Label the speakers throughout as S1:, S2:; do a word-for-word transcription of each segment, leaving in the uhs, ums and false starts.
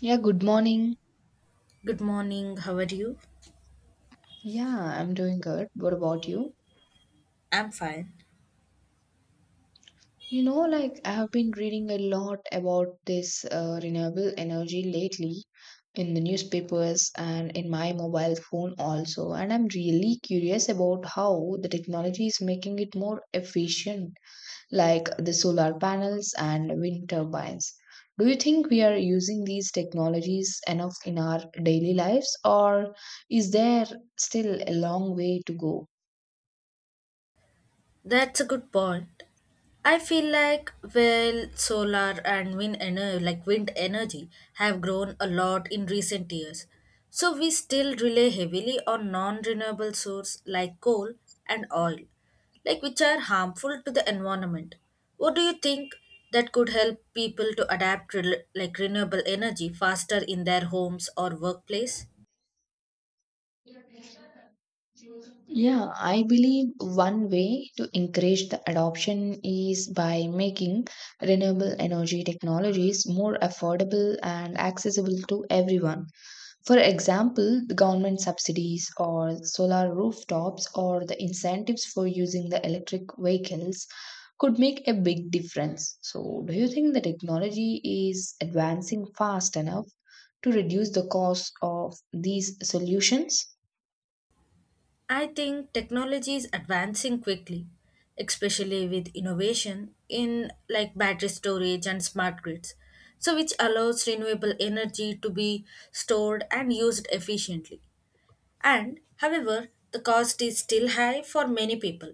S1: Yeah, good morning.
S2: Good morning, how are you?
S1: Yeah, I'm doing good. What about you?
S2: I'm fine.
S1: You know, like I have been reading a lot about this uh, renewable energy lately in the newspapers and in my mobile phone also. And I'm really curious about how the technology is making it more efficient, like the solar panels and wind turbines. Do you think we are using these technologies enough in our daily lives, or is there still a long way to go?
S2: That's a good point. I feel like well solar and wind energy like wind energy have grown a lot in recent years. So we still rely heavily on non-renewable source like coal and oil, like which are harmful to the environment. What do you think that could help people to adapt rel- like renewable energy faster in their homes or workplace?
S1: Yeah, I believe one way to encourage the adoption is by making renewable energy technologies more affordable and accessible to everyone. For example, the government subsidies or solar rooftops or the incentives for using the electric vehicles could make a big difference. So, do you think the technology is advancing fast enough to reduce the cost of these solutions?
S2: I think technology is advancing quickly, especially with innovation in like battery storage and smart grids. So which allows renewable energy to be stored and used efficiently. And however, the cost is still high for many people.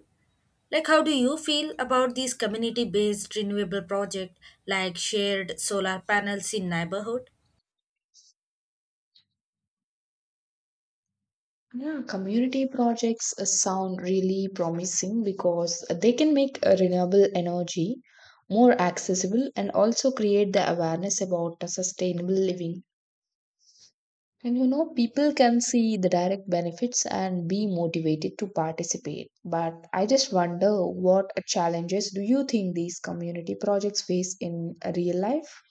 S2: Like how do you feel about these community based renewable project like shared solar panels in neighborhood?
S1: Yeah, community projects uh, sound really promising because they can make uh, renewable energy more accessible and also create the awareness about the sustainable living. And you know, people can see the direct benefits and be motivated to participate. But I just wonder what challenges do you think these community projects face in uh, real life?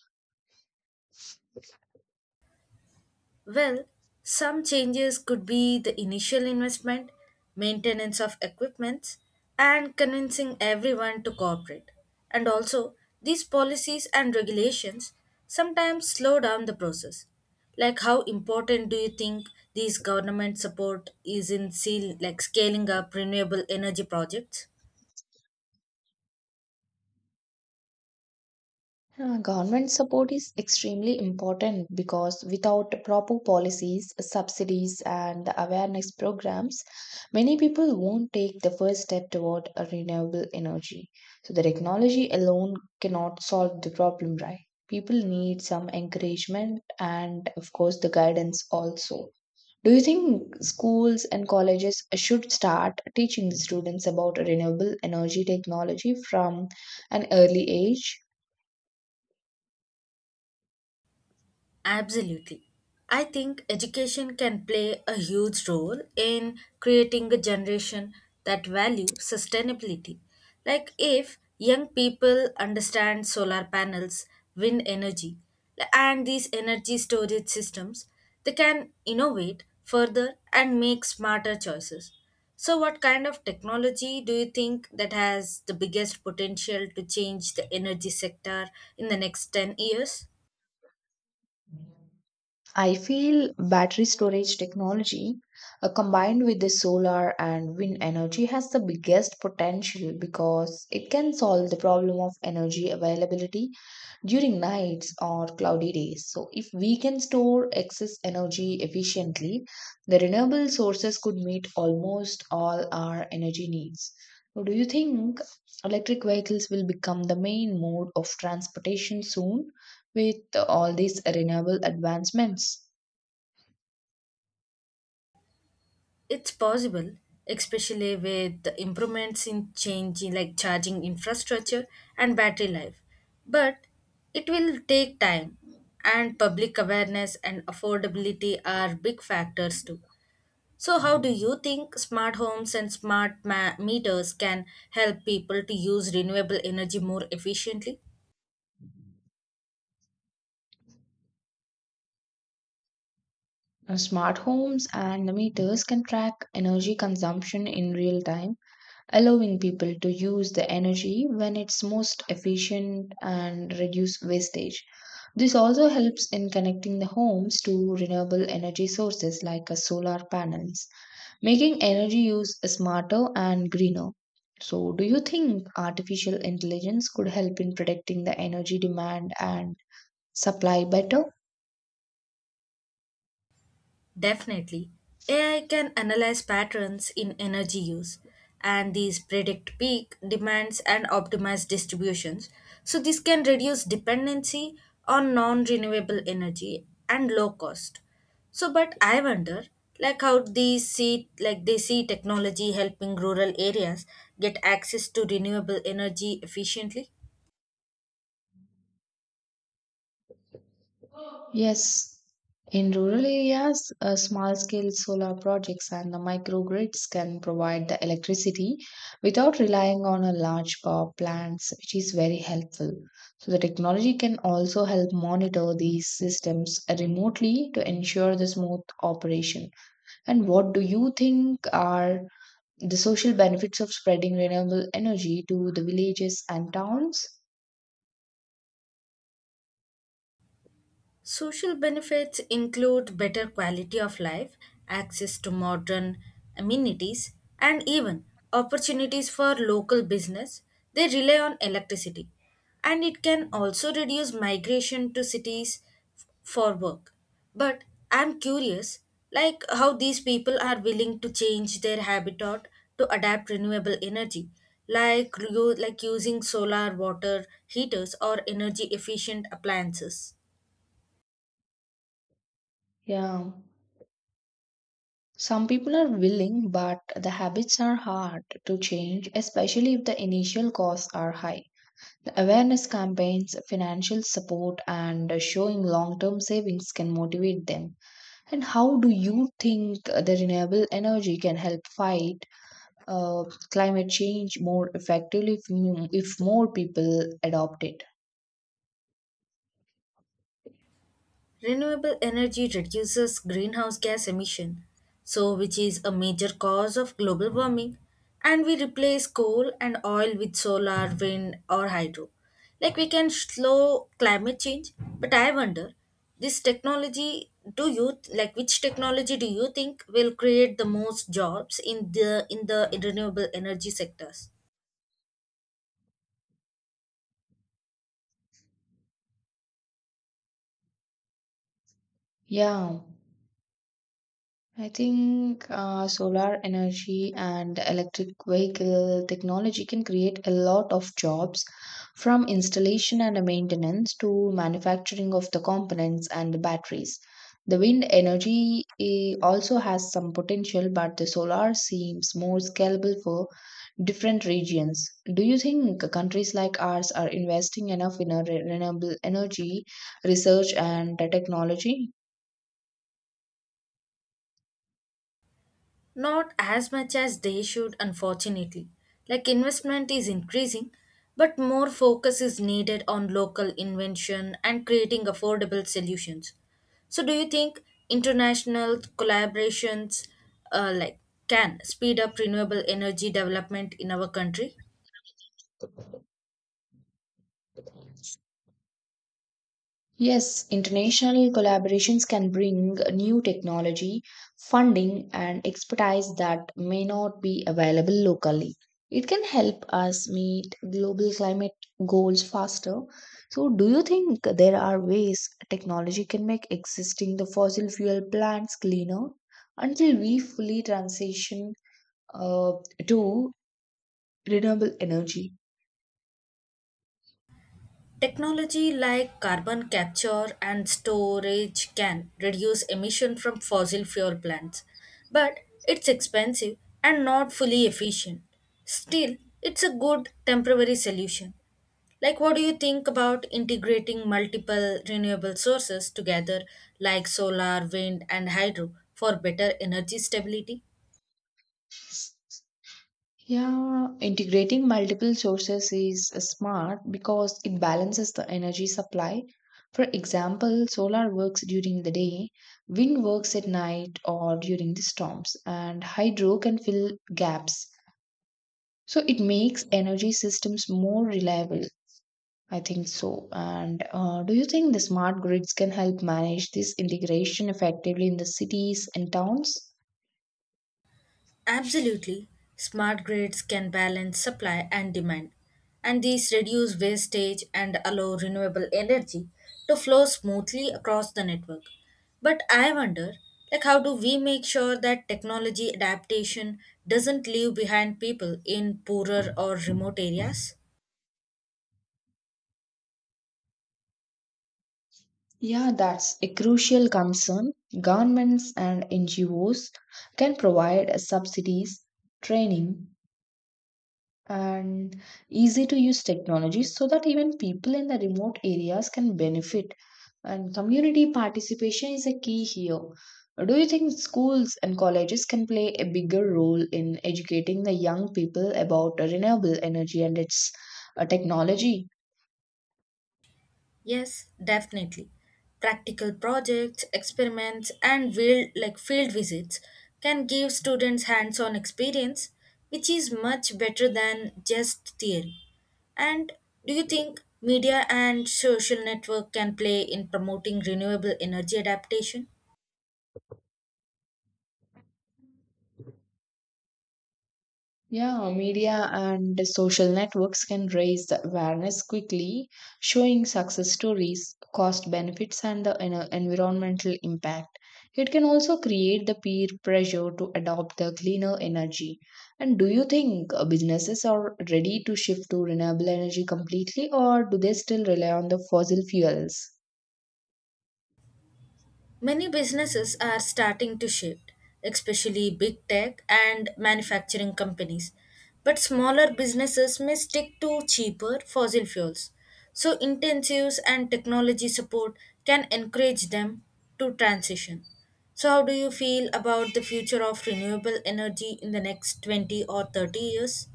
S2: Well, some changes could be the initial investment, maintenance of equipment, and convincing everyone to cooperate. And also, these policies and regulations sometimes slow down the process. Like how important do you think these government support is in seal, like scaling up renewable energy projects?
S1: Uh, government support is extremely important because without proper policies, subsidies, and awareness programs, many people won't take the first step toward a renewable energy. So, the technology alone cannot solve the problem, right? People need some encouragement and, of course, the guidance also. Do you think schools and colleges should start teaching the students about renewable energy technology from an early age?
S2: Absolutely. I think education can play a huge role in creating a generation that value sustainability. Like if young people understand solar panels, wind energy, and these energy storage systems, they can innovate further and make smarter choices. So what kind of technology do you think that has the biggest potential to change the energy sector in the next ten years?
S1: I feel battery storage technology uh, combined with the solar and wind energy has the biggest potential because it can solve the problem of energy availability during nights or cloudy days. So, if we can store excess energy efficiently, the renewable sources could meet almost all our energy needs. So, do you think electric vehicles will become the main mode of transportation soon? With all these renewable advancements,
S2: It's possible, especially with the improvements in changing like charging infrastructure and battery life. But it will take time and public awareness and affordability are big factors too. So how do you think smart homes and smart ma- meters can help people to use renewable energy more efficiently?
S1: uh, smart homes and meters can track energy consumption in real time, allowing people to use the energy when it's most efficient and reduce wastage. This also helps in connecting the homes to renewable energy sources like uh, solar panels, making energy use smarter and greener. So, do you think artificial intelligence could help in predicting the energy demand and supply better?
S2: Definitely. A I can analyze patterns in energy use and these predict peak demands and optimize distributions. So this can reduce dependency on non renewable energy and low cost. So, but I wonder like how they see like they see technology helping rural areas get access to renewable energy efficiently.
S1: Yes, in rural areas, uh, small scale solar projects and the microgrids can provide the electricity without relying on a large power plants, which is very helpful. So, the technology can also help monitor these systems remotely to ensure the smooth operation. And what do you think are the social benefits of spreading renewable energy to the villages and towns?
S2: Social benefits include better quality of life, access to modern amenities, and even opportunities for local business. They rely on electricity, and it can also reduce migration to cities f- for work. But I'm curious, like how these people are willing to change their habitat to adapt renewable energy, like, like using solar water heaters or energy efficient appliances.
S1: Yeah. Some people are willing, but the habits are hard to change, especially if the initial costs are high. The awareness campaigns, financial support, and showing long term savings can motivate them. And how do you think the renewable energy can help fight uh, climate change more effectively if, if more people adopt it?
S2: Renewable energy reduces greenhouse gas emission, so which is a major cause of global warming, and we replace coal and oil with solar, wind or hydro. Like we can slow climate change, but I wonder this technology do you like which technology do you think will create the most jobs in the in the renewable energy sectors?
S1: Yeah, I think uh, solar energy and electric vehicle technology can create a lot of jobs from installation and maintenance to manufacturing of the components and the batteries. The wind energy eh, also has some potential, but the solar seems more scalable for different regions. Do you think countries like ours are investing enough in a re- renewable energy research and technology?
S2: Not as much as they should, unfortunately. Like investment is increasing, but more focus is needed on local invention and creating affordable solutions. So, do you think international collaborations uh, like can speed up renewable energy development in our country?
S1: Yes, international collaborations can bring new technology, funding, and expertise that may not be available locally. It can help us meet global climate goals faster. So, do you think there are ways technology can make existing the fossil fuel plants cleaner until we fully transition uh, to renewable energy?
S2: Technology like carbon capture and storage can reduce emission from fossil fuel plants, but it's expensive and not fully efficient. Still, it's a good temporary solution. Like, what do you think about integrating multiple renewable sources together, like solar, wind, and hydro, for better energy stability?
S1: Yeah, integrating multiple sources is uh, smart because it balances the energy supply. For example, solar works during the day, wind works at night or during the storms, and hydro can fill gaps. So it makes energy systems more reliable. I think so. And uh, do you think the smart grids can help manage this integration effectively in the cities and towns?
S2: Absolutely. Smart grids can balance supply and demand, and these reduce wastage and allow renewable energy to flow smoothly across the network. But I wonder, like how do we make sure that technology adaptation doesn't leave behind people in poorer or remote areas?
S1: Yeah, that's a crucial concern. Governments and N G Os can provide subsidies, training, and easy to use technologies so that even people in the remote areas can benefit. And community participation is a key here. Do you think schools and colleges can play a bigger role in educating the young people about renewable energy and its uh, technology?
S2: Yes, definitely. Practical projects, experiments, and field, like field visits can give students hands-on experience, which is much better than just theory. And do you think media and social network can play in promoting renewable energy adaptation?
S1: Yeah, media and social networks can raise the awareness quickly, showing success stories, cost benefits, and the you know, environmental impact. It can also create the peer pressure to adopt the cleaner energy. And do you think uh, businesses are ready to shift to renewable energy completely, or do they still rely on the fossil fuels?
S2: Many businesses are starting to shift, especially big tech and manufacturing companies. But smaller businesses may stick to cheaper fossil fuels. So, intensives and technology support can encourage them to transition. So, how do you feel about the future of renewable energy in the next twenty or thirty years?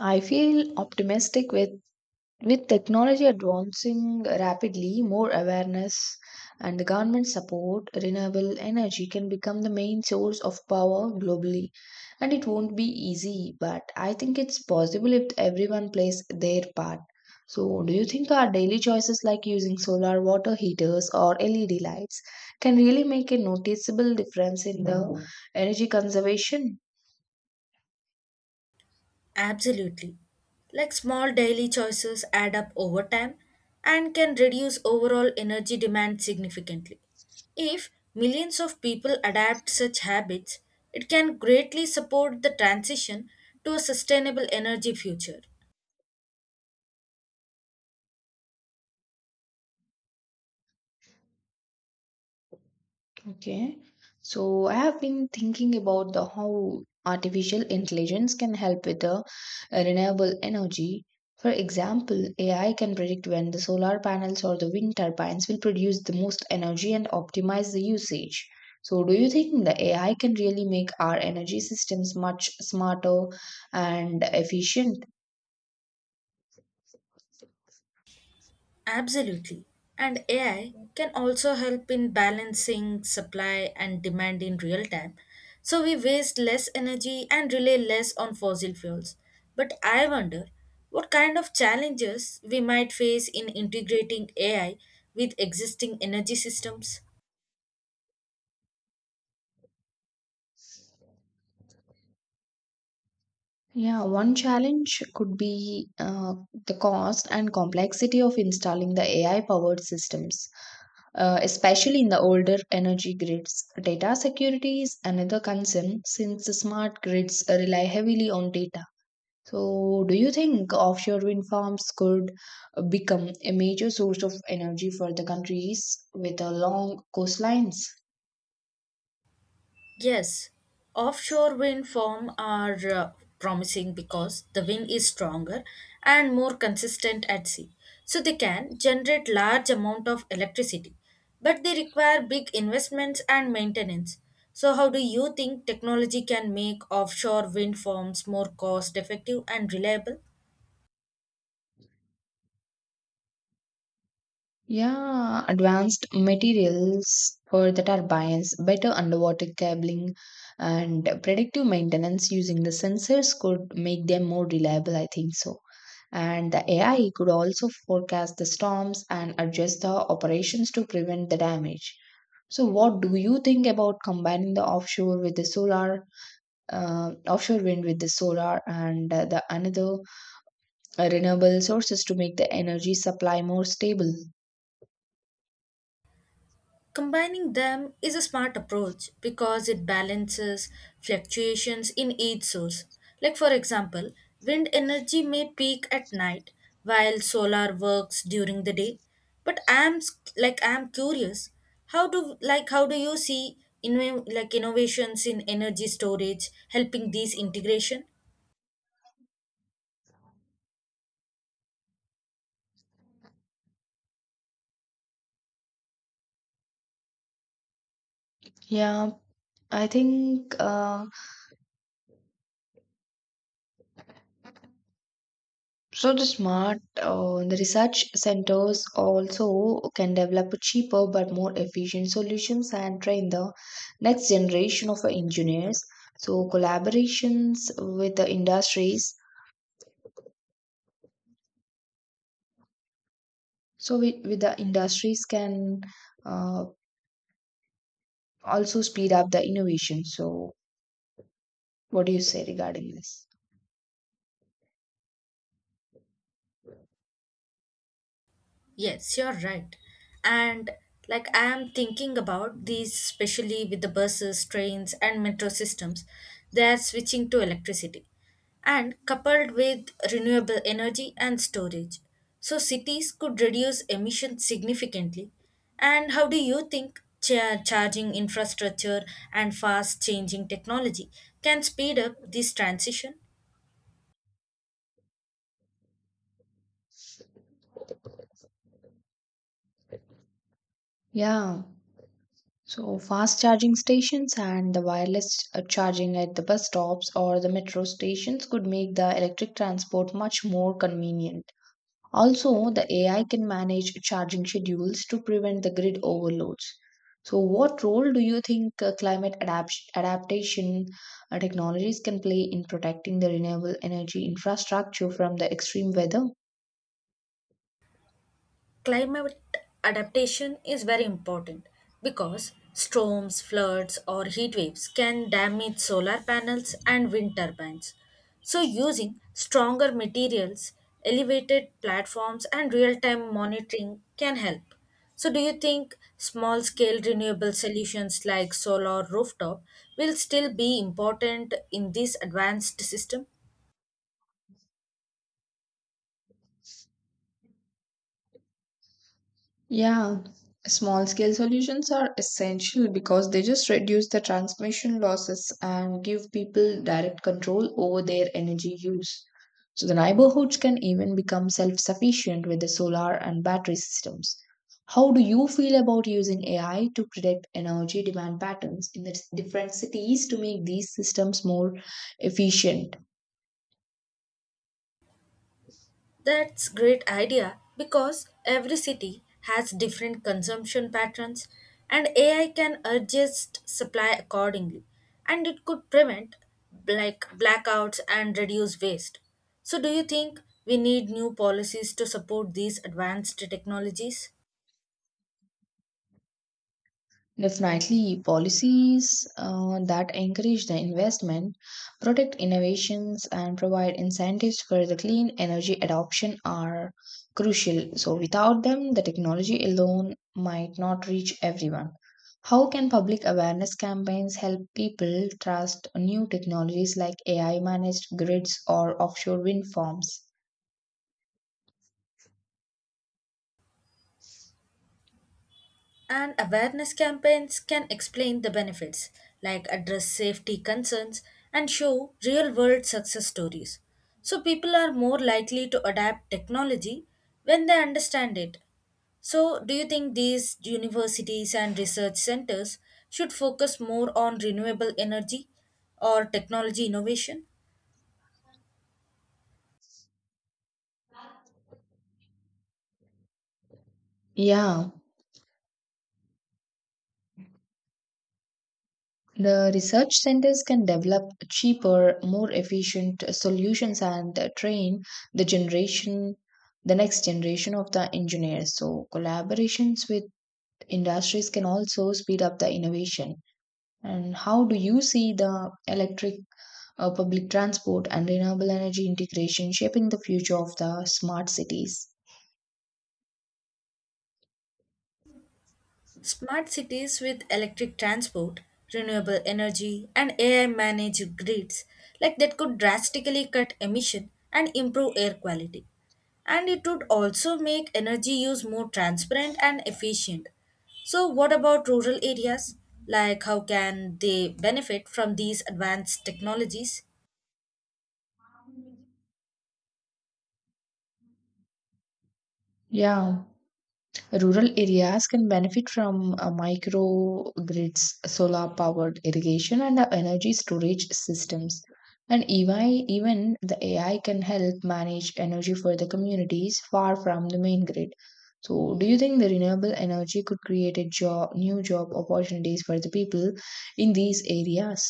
S1: I feel optimistic with With technology advancing rapidly, more awareness and the government support, renewable energy can become the main source of power globally. And it won't be easy, but I think it's possible if everyone plays their part. So, do you think our daily choices like using solar water heaters or L E D lights can really make a noticeable difference in the energy conservation?
S2: Absolutely. Like small daily choices add up over time and can reduce overall energy demand significantly. If millions of people adapt such habits, it can greatly support the transition to a sustainable energy future.
S1: Okay. So I have been thinking about the how artificial intelligence can help with the renewable energy. For example, A I can predict when the solar panels or the wind turbines will produce the most energy and optimize the usage. So do you think the A I can really make our energy systems much smarter and efficient?
S2: Absolutely. And A I can also help in balancing supply and demand in real time. So we waste less energy and rely less on fossil fuels. But I wonder what kind of challenges we might face in integrating A I with existing energy systems.
S1: Yeah, one challenge could be uh, the cost and complexity of installing the A I powered systems, uh, especially in the older energy grids. Data security is another concern since the smart grids rely heavily on data. So, do you think offshore wind farms could become a major source of energy for the countries with a long coastlines?
S2: Yes, offshore wind farms are uh, promising because the wind is stronger and more consistent at sea. So they can generate large amount of electricity, but they require big investments and maintenance. So how do you think technology can make offshore wind farms more cost effective and reliable?
S1: Yeah, advanced materials for the turbines, better underwater cabling, and predictive maintenance using the sensors could make them more reliable, I think so. And the A I could also forecast the storms and adjust the operations to prevent the damage. So, what do you think about combining the offshore with the solar, uh, offshore wind with the solar, and uh, the another uh, renewable sources to make the energy supply more stable?
S2: Combining them is a smart approach because it balances fluctuations in each source. Like, for example, wind energy may peak at night while solar works during the day. But I'm s- like I'm curious, how do like how do you see inno- like innovations in energy storage helping this integration?
S1: Yeah, I think uh, so. The smart, uh, the research centers also can develop cheaper but more efficient solutions and train the next generation of engineers. So collaborations with the industries, so with, with the industries can uh, also speed up the innovation. So what do you say regarding this?
S2: Yes, you're right. And like I am thinking about these, especially with the buses, trains, and metro systems, they are switching to electricity and coupled with renewable energy and storage. So cities could reduce emissions significantly. And how do you think cha- charging infrastructure and fast changing technology can speed up this transition?
S1: Yeah. So, fast charging stations and the wireless uh, charging at the bus stops or the metro stations could make the electric transport much more convenient. Also, the A I can manage charging schedules to prevent the grid overloads. So, what role do you think uh, climate adapt- adaptation uh, technologies can play in protecting the renewable energy infrastructure from the extreme weather?
S2: Climate adaptation is very important because storms, floods, or heat waves can damage solar panels and wind turbines. So, using stronger materials, elevated platforms, and real time monitoring can help. So, do you think small scale renewable solutions like solar rooftop will still be important in this advanced system?
S1: Yeah, small scale solutions are essential because they just reduce the transmission losses and give people direct control over their energy use. So the neighborhoods can even become self sufficient with the solar and battery systems. How do you feel about using A I to predict energy demand patterns in the different cities to make these systems more efficient?
S2: That's great idea because every city has different consumption patterns and A I can adjust supply accordingly and it could prevent like blackouts and reduce waste. So do you think we need new policies to support these advanced technologies?
S1: Definitely, policies uh, that encourage the investment, protect innovations, and provide incentives for the clean energy adoption are crucial. So, without them, the technology alone might not reach everyone. How can public awareness campaigns help people trust new technologies like A I managed grids or offshore wind farms?
S2: And awareness campaigns can explain the benefits, like address safety concerns and show real world success stories. So people are more likely to adapt technology when they understand it. So, do you think these universities and research centers should focus more on renewable energy or technology innovation?
S1: Yeah, the research centers can develop cheaper, more efficient solutions and train the generation, the next generation of the engineers. So, collaborations with industries can also speed up the innovation. And how do you see the electric uh, public transport and renewable energy integration shaping the future of the smart cities?
S2: Smart cities with electric transport, renewable energy, and A I managed grids like that could drastically cut emission and improve air quality. And it would also make energy use more transparent and efficient. So what about rural areas? Like how can they benefit from these advanced technologies?
S1: Yeah, rural areas can benefit from uh, microgrids, solar powered irrigation, and uh, energy storage systems. And even even the A I can help manage energy for the communities far from the main grid. So, do you think the renewable energy could create a job, new job opportunities for the people in these areas?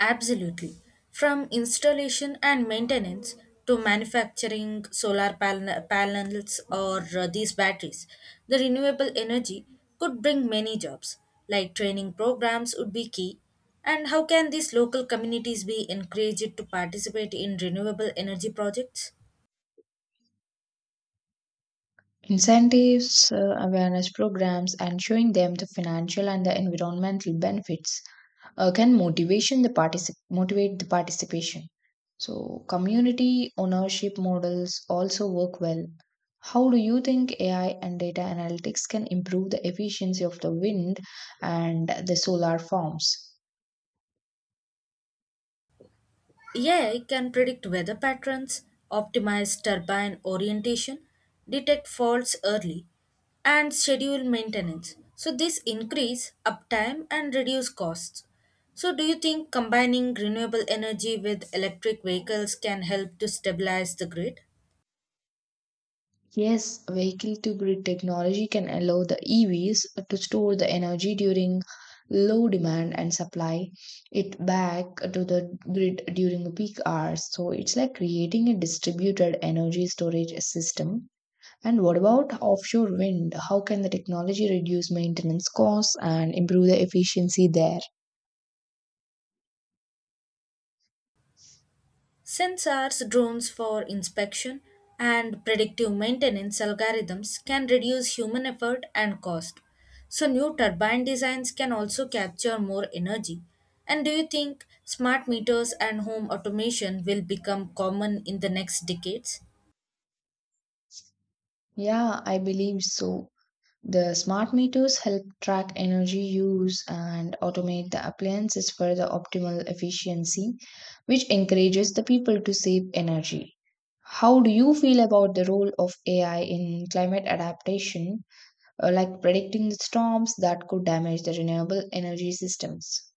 S2: Absolutely. From installation and maintenance to manufacturing solar pan- panels or uh, these batteries, the renewable energy could bring many jobs, like training programs would be key. And how can these local communities be encouraged to participate in renewable energy projects?
S1: Incentives, uh, awareness programs, and showing them the financial and the environmental benefits uh, can motivation the particip- motivate the participation. So community ownership models also work well. How do you think A I and data analytics can improve the efficiency of the wind and the solar farms?
S2: A I can predict weather patterns, optimize turbine orientation, detect faults early, and schedule maintenance. So this increase uptime and reduce costs. So do you think combining renewable energy with electric vehicles can help to stabilize the grid?
S1: Yes, vehicle to grid technology can allow the E Vs to store the energy during low demand and supply it back to the grid during the peak hours. So it's like creating a distributed energy storage system. And what about offshore wind? How can the technology reduce maintenance costs and improve the efficiency there?
S2: Sensors, drones for inspection, and predictive maintenance algorithms can reduce human effort and cost. So, new turbine designs can also capture more energy. And do you think smart meters and home automation will become common in the next decades?
S1: Yeah, I believe so. The smart meters help track energy use and automate the appliances for the optimal efficiency, which encourages the people to save energy. How do you feel about the role of A I in climate adaptation, uh, like predicting the storms that could damage the renewable energy systems?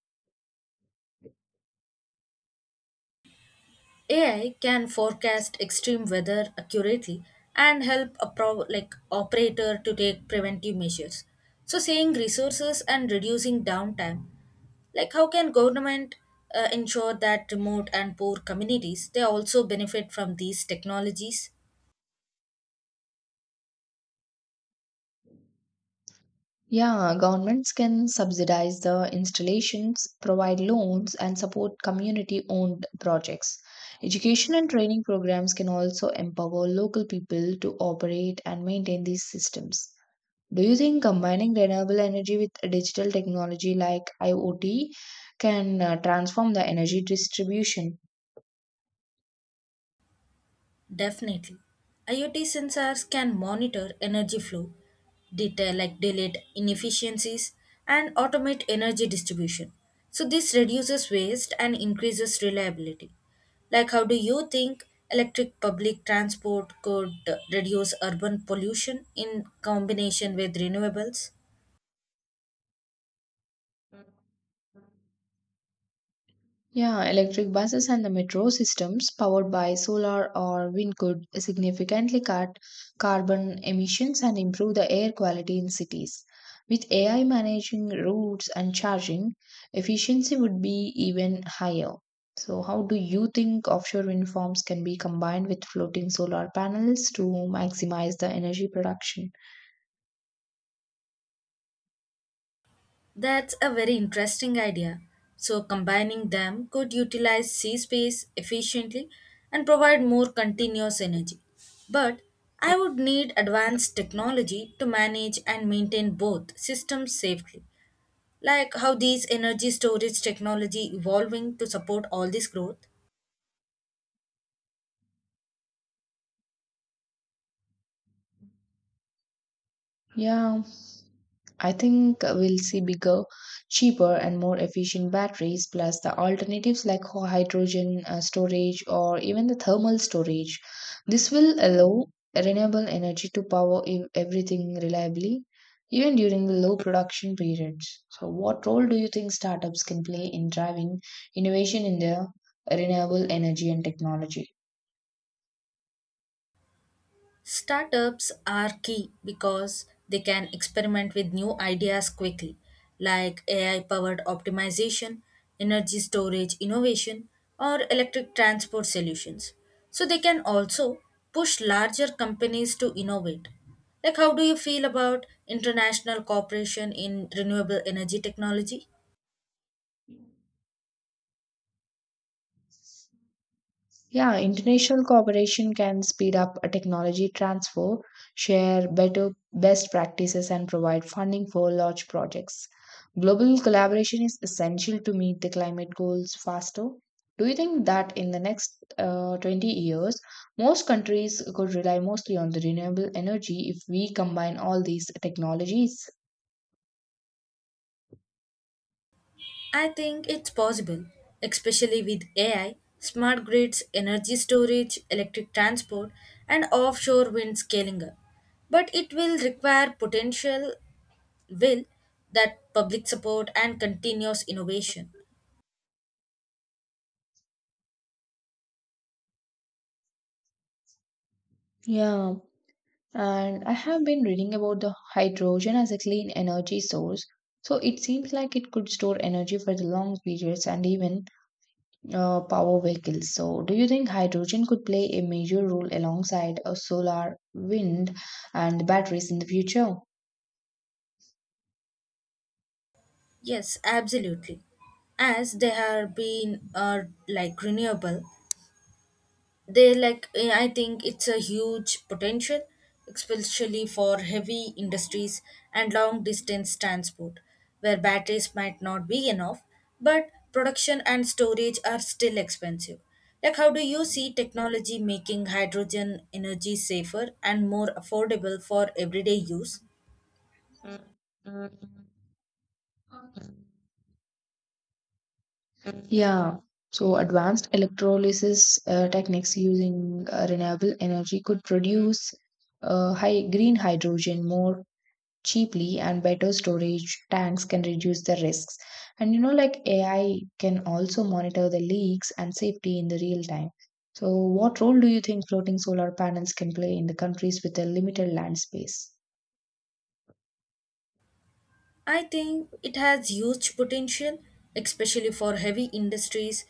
S2: A I can forecast extreme weather accurately and help a pro- like operator to take preventive measures. So, saving resources and reducing downtime. Like, how can government uh, ensure that remote and poor communities they also benefit from these technologies?
S1: Yeah, governments can subsidize the installations, provide loans, and support community owned projects. Education and training programs can also empower local people to operate and maintain these systems. Do you think combining renewable energy with digital technology like I o T can uh, transform the energy distribution?
S2: Definitely. IoT sensors can monitor energy flow, detail like delete inefficiencies, and automate energy distribution. So this reduces waste and increases reliability. Like how do you think electric public transport could uh, reduce urban pollution in combination with renewables?
S1: Yeah, electric buses and the metro systems powered by solar or wind could significantly cut carbon emissions and improve the air quality in cities. With A I managing routes and charging, efficiency would be even higher. So, how do you think offshore wind farms can be combined with floating solar panels to maximize the energy production?
S2: That's a very interesting idea. So, combining them could utilize sea space efficiently and provide more continuous energy. But I would need advanced technology to manage and maintain both systems safely. Like how these energy storage technology evolving to support all this growth?
S1: Yeah, I think we'll see bigger, cheaper, and more efficient batteries, plus the alternatives like ho- hydrogen uh, storage or even the thermal storage. This will allow renewable energy to power ev- everything reliably, even during the low production periods. So, what role do you think startups can play in driving innovation in the renewable energy and technology?
S2: Startups are key because they can experiment with new ideas quickly, like A I powered optimization, energy storage innovation, or electric transport solutions. So they can also push larger companies to innovate. Like, how do you feel about international cooperation in renewable energy technology?
S1: Yeah, international cooperation can speed up a technology transfer, share better best practices, and provide funding for large projects. Global collaboration is essential to meet the climate goals faster. Do you think that in the next uh, twenty years, most countries could rely mostly on the renewable energy if we combine all these technologies?
S2: I think it's possible, especially with A I, smart grids, energy storage, electric transport, and offshore wind scaling up. But it will require potential will that public support and continuous innovation.
S1: Yeah, and I have been reading about the hydrogen as a clean energy source. So it seems like it could store energy for the long periods and even uh, power vehicles. So do you think hydrogen could play a major role alongside uh, solar, wind, and batteries in the future?
S2: Yes, absolutely. As they have been uh, like renewable they like eh, I think it's a huge potential especially for heavy industries and long distance transport where batteries might not be enough but production and storage are still expensive like how do you see technology making hydrogen energy safer and more affordable for everyday use.
S1: Yeah. So advanced electrolysis uh, techniques using uh, renewable energy could produce uh, high green hydrogen more cheaply and better storage tanks can reduce the risks. And you know, like A I can also monitor the leaks and safety in the real time. So, what role do you think floating solar panels can play in the countries with a limited land space?
S2: I think it has huge potential, especially for heavy industries.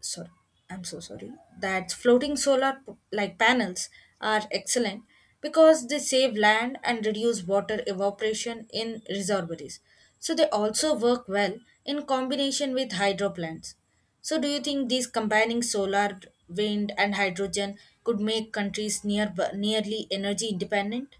S2: Sorry, I'm so sorry. That floating solar p- like panels are excellent because they save land and reduce water evaporation in reservoirs. So they also work well in combination with hydro plants. So do you think these combining solar, wind and hydrogen could make countries near nearly energy independent?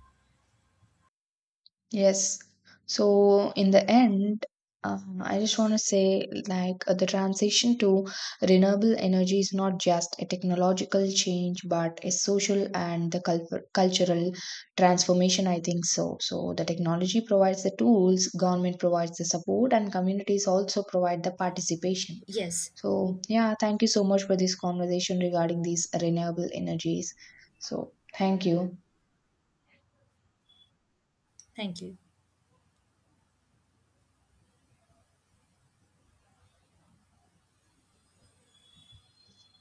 S1: Yes. So in the end, uh, I just want to say like uh, the transition to renewable energy is not just a technological change, but a social and the cul cultural transformation. I think so. So the technology provides the tools, government provides the support, and communities also provide the participation.
S2: Yes,
S1: So yeah, thank you so much for this conversation regarding these renewable energies. So thank you.
S2: thank you.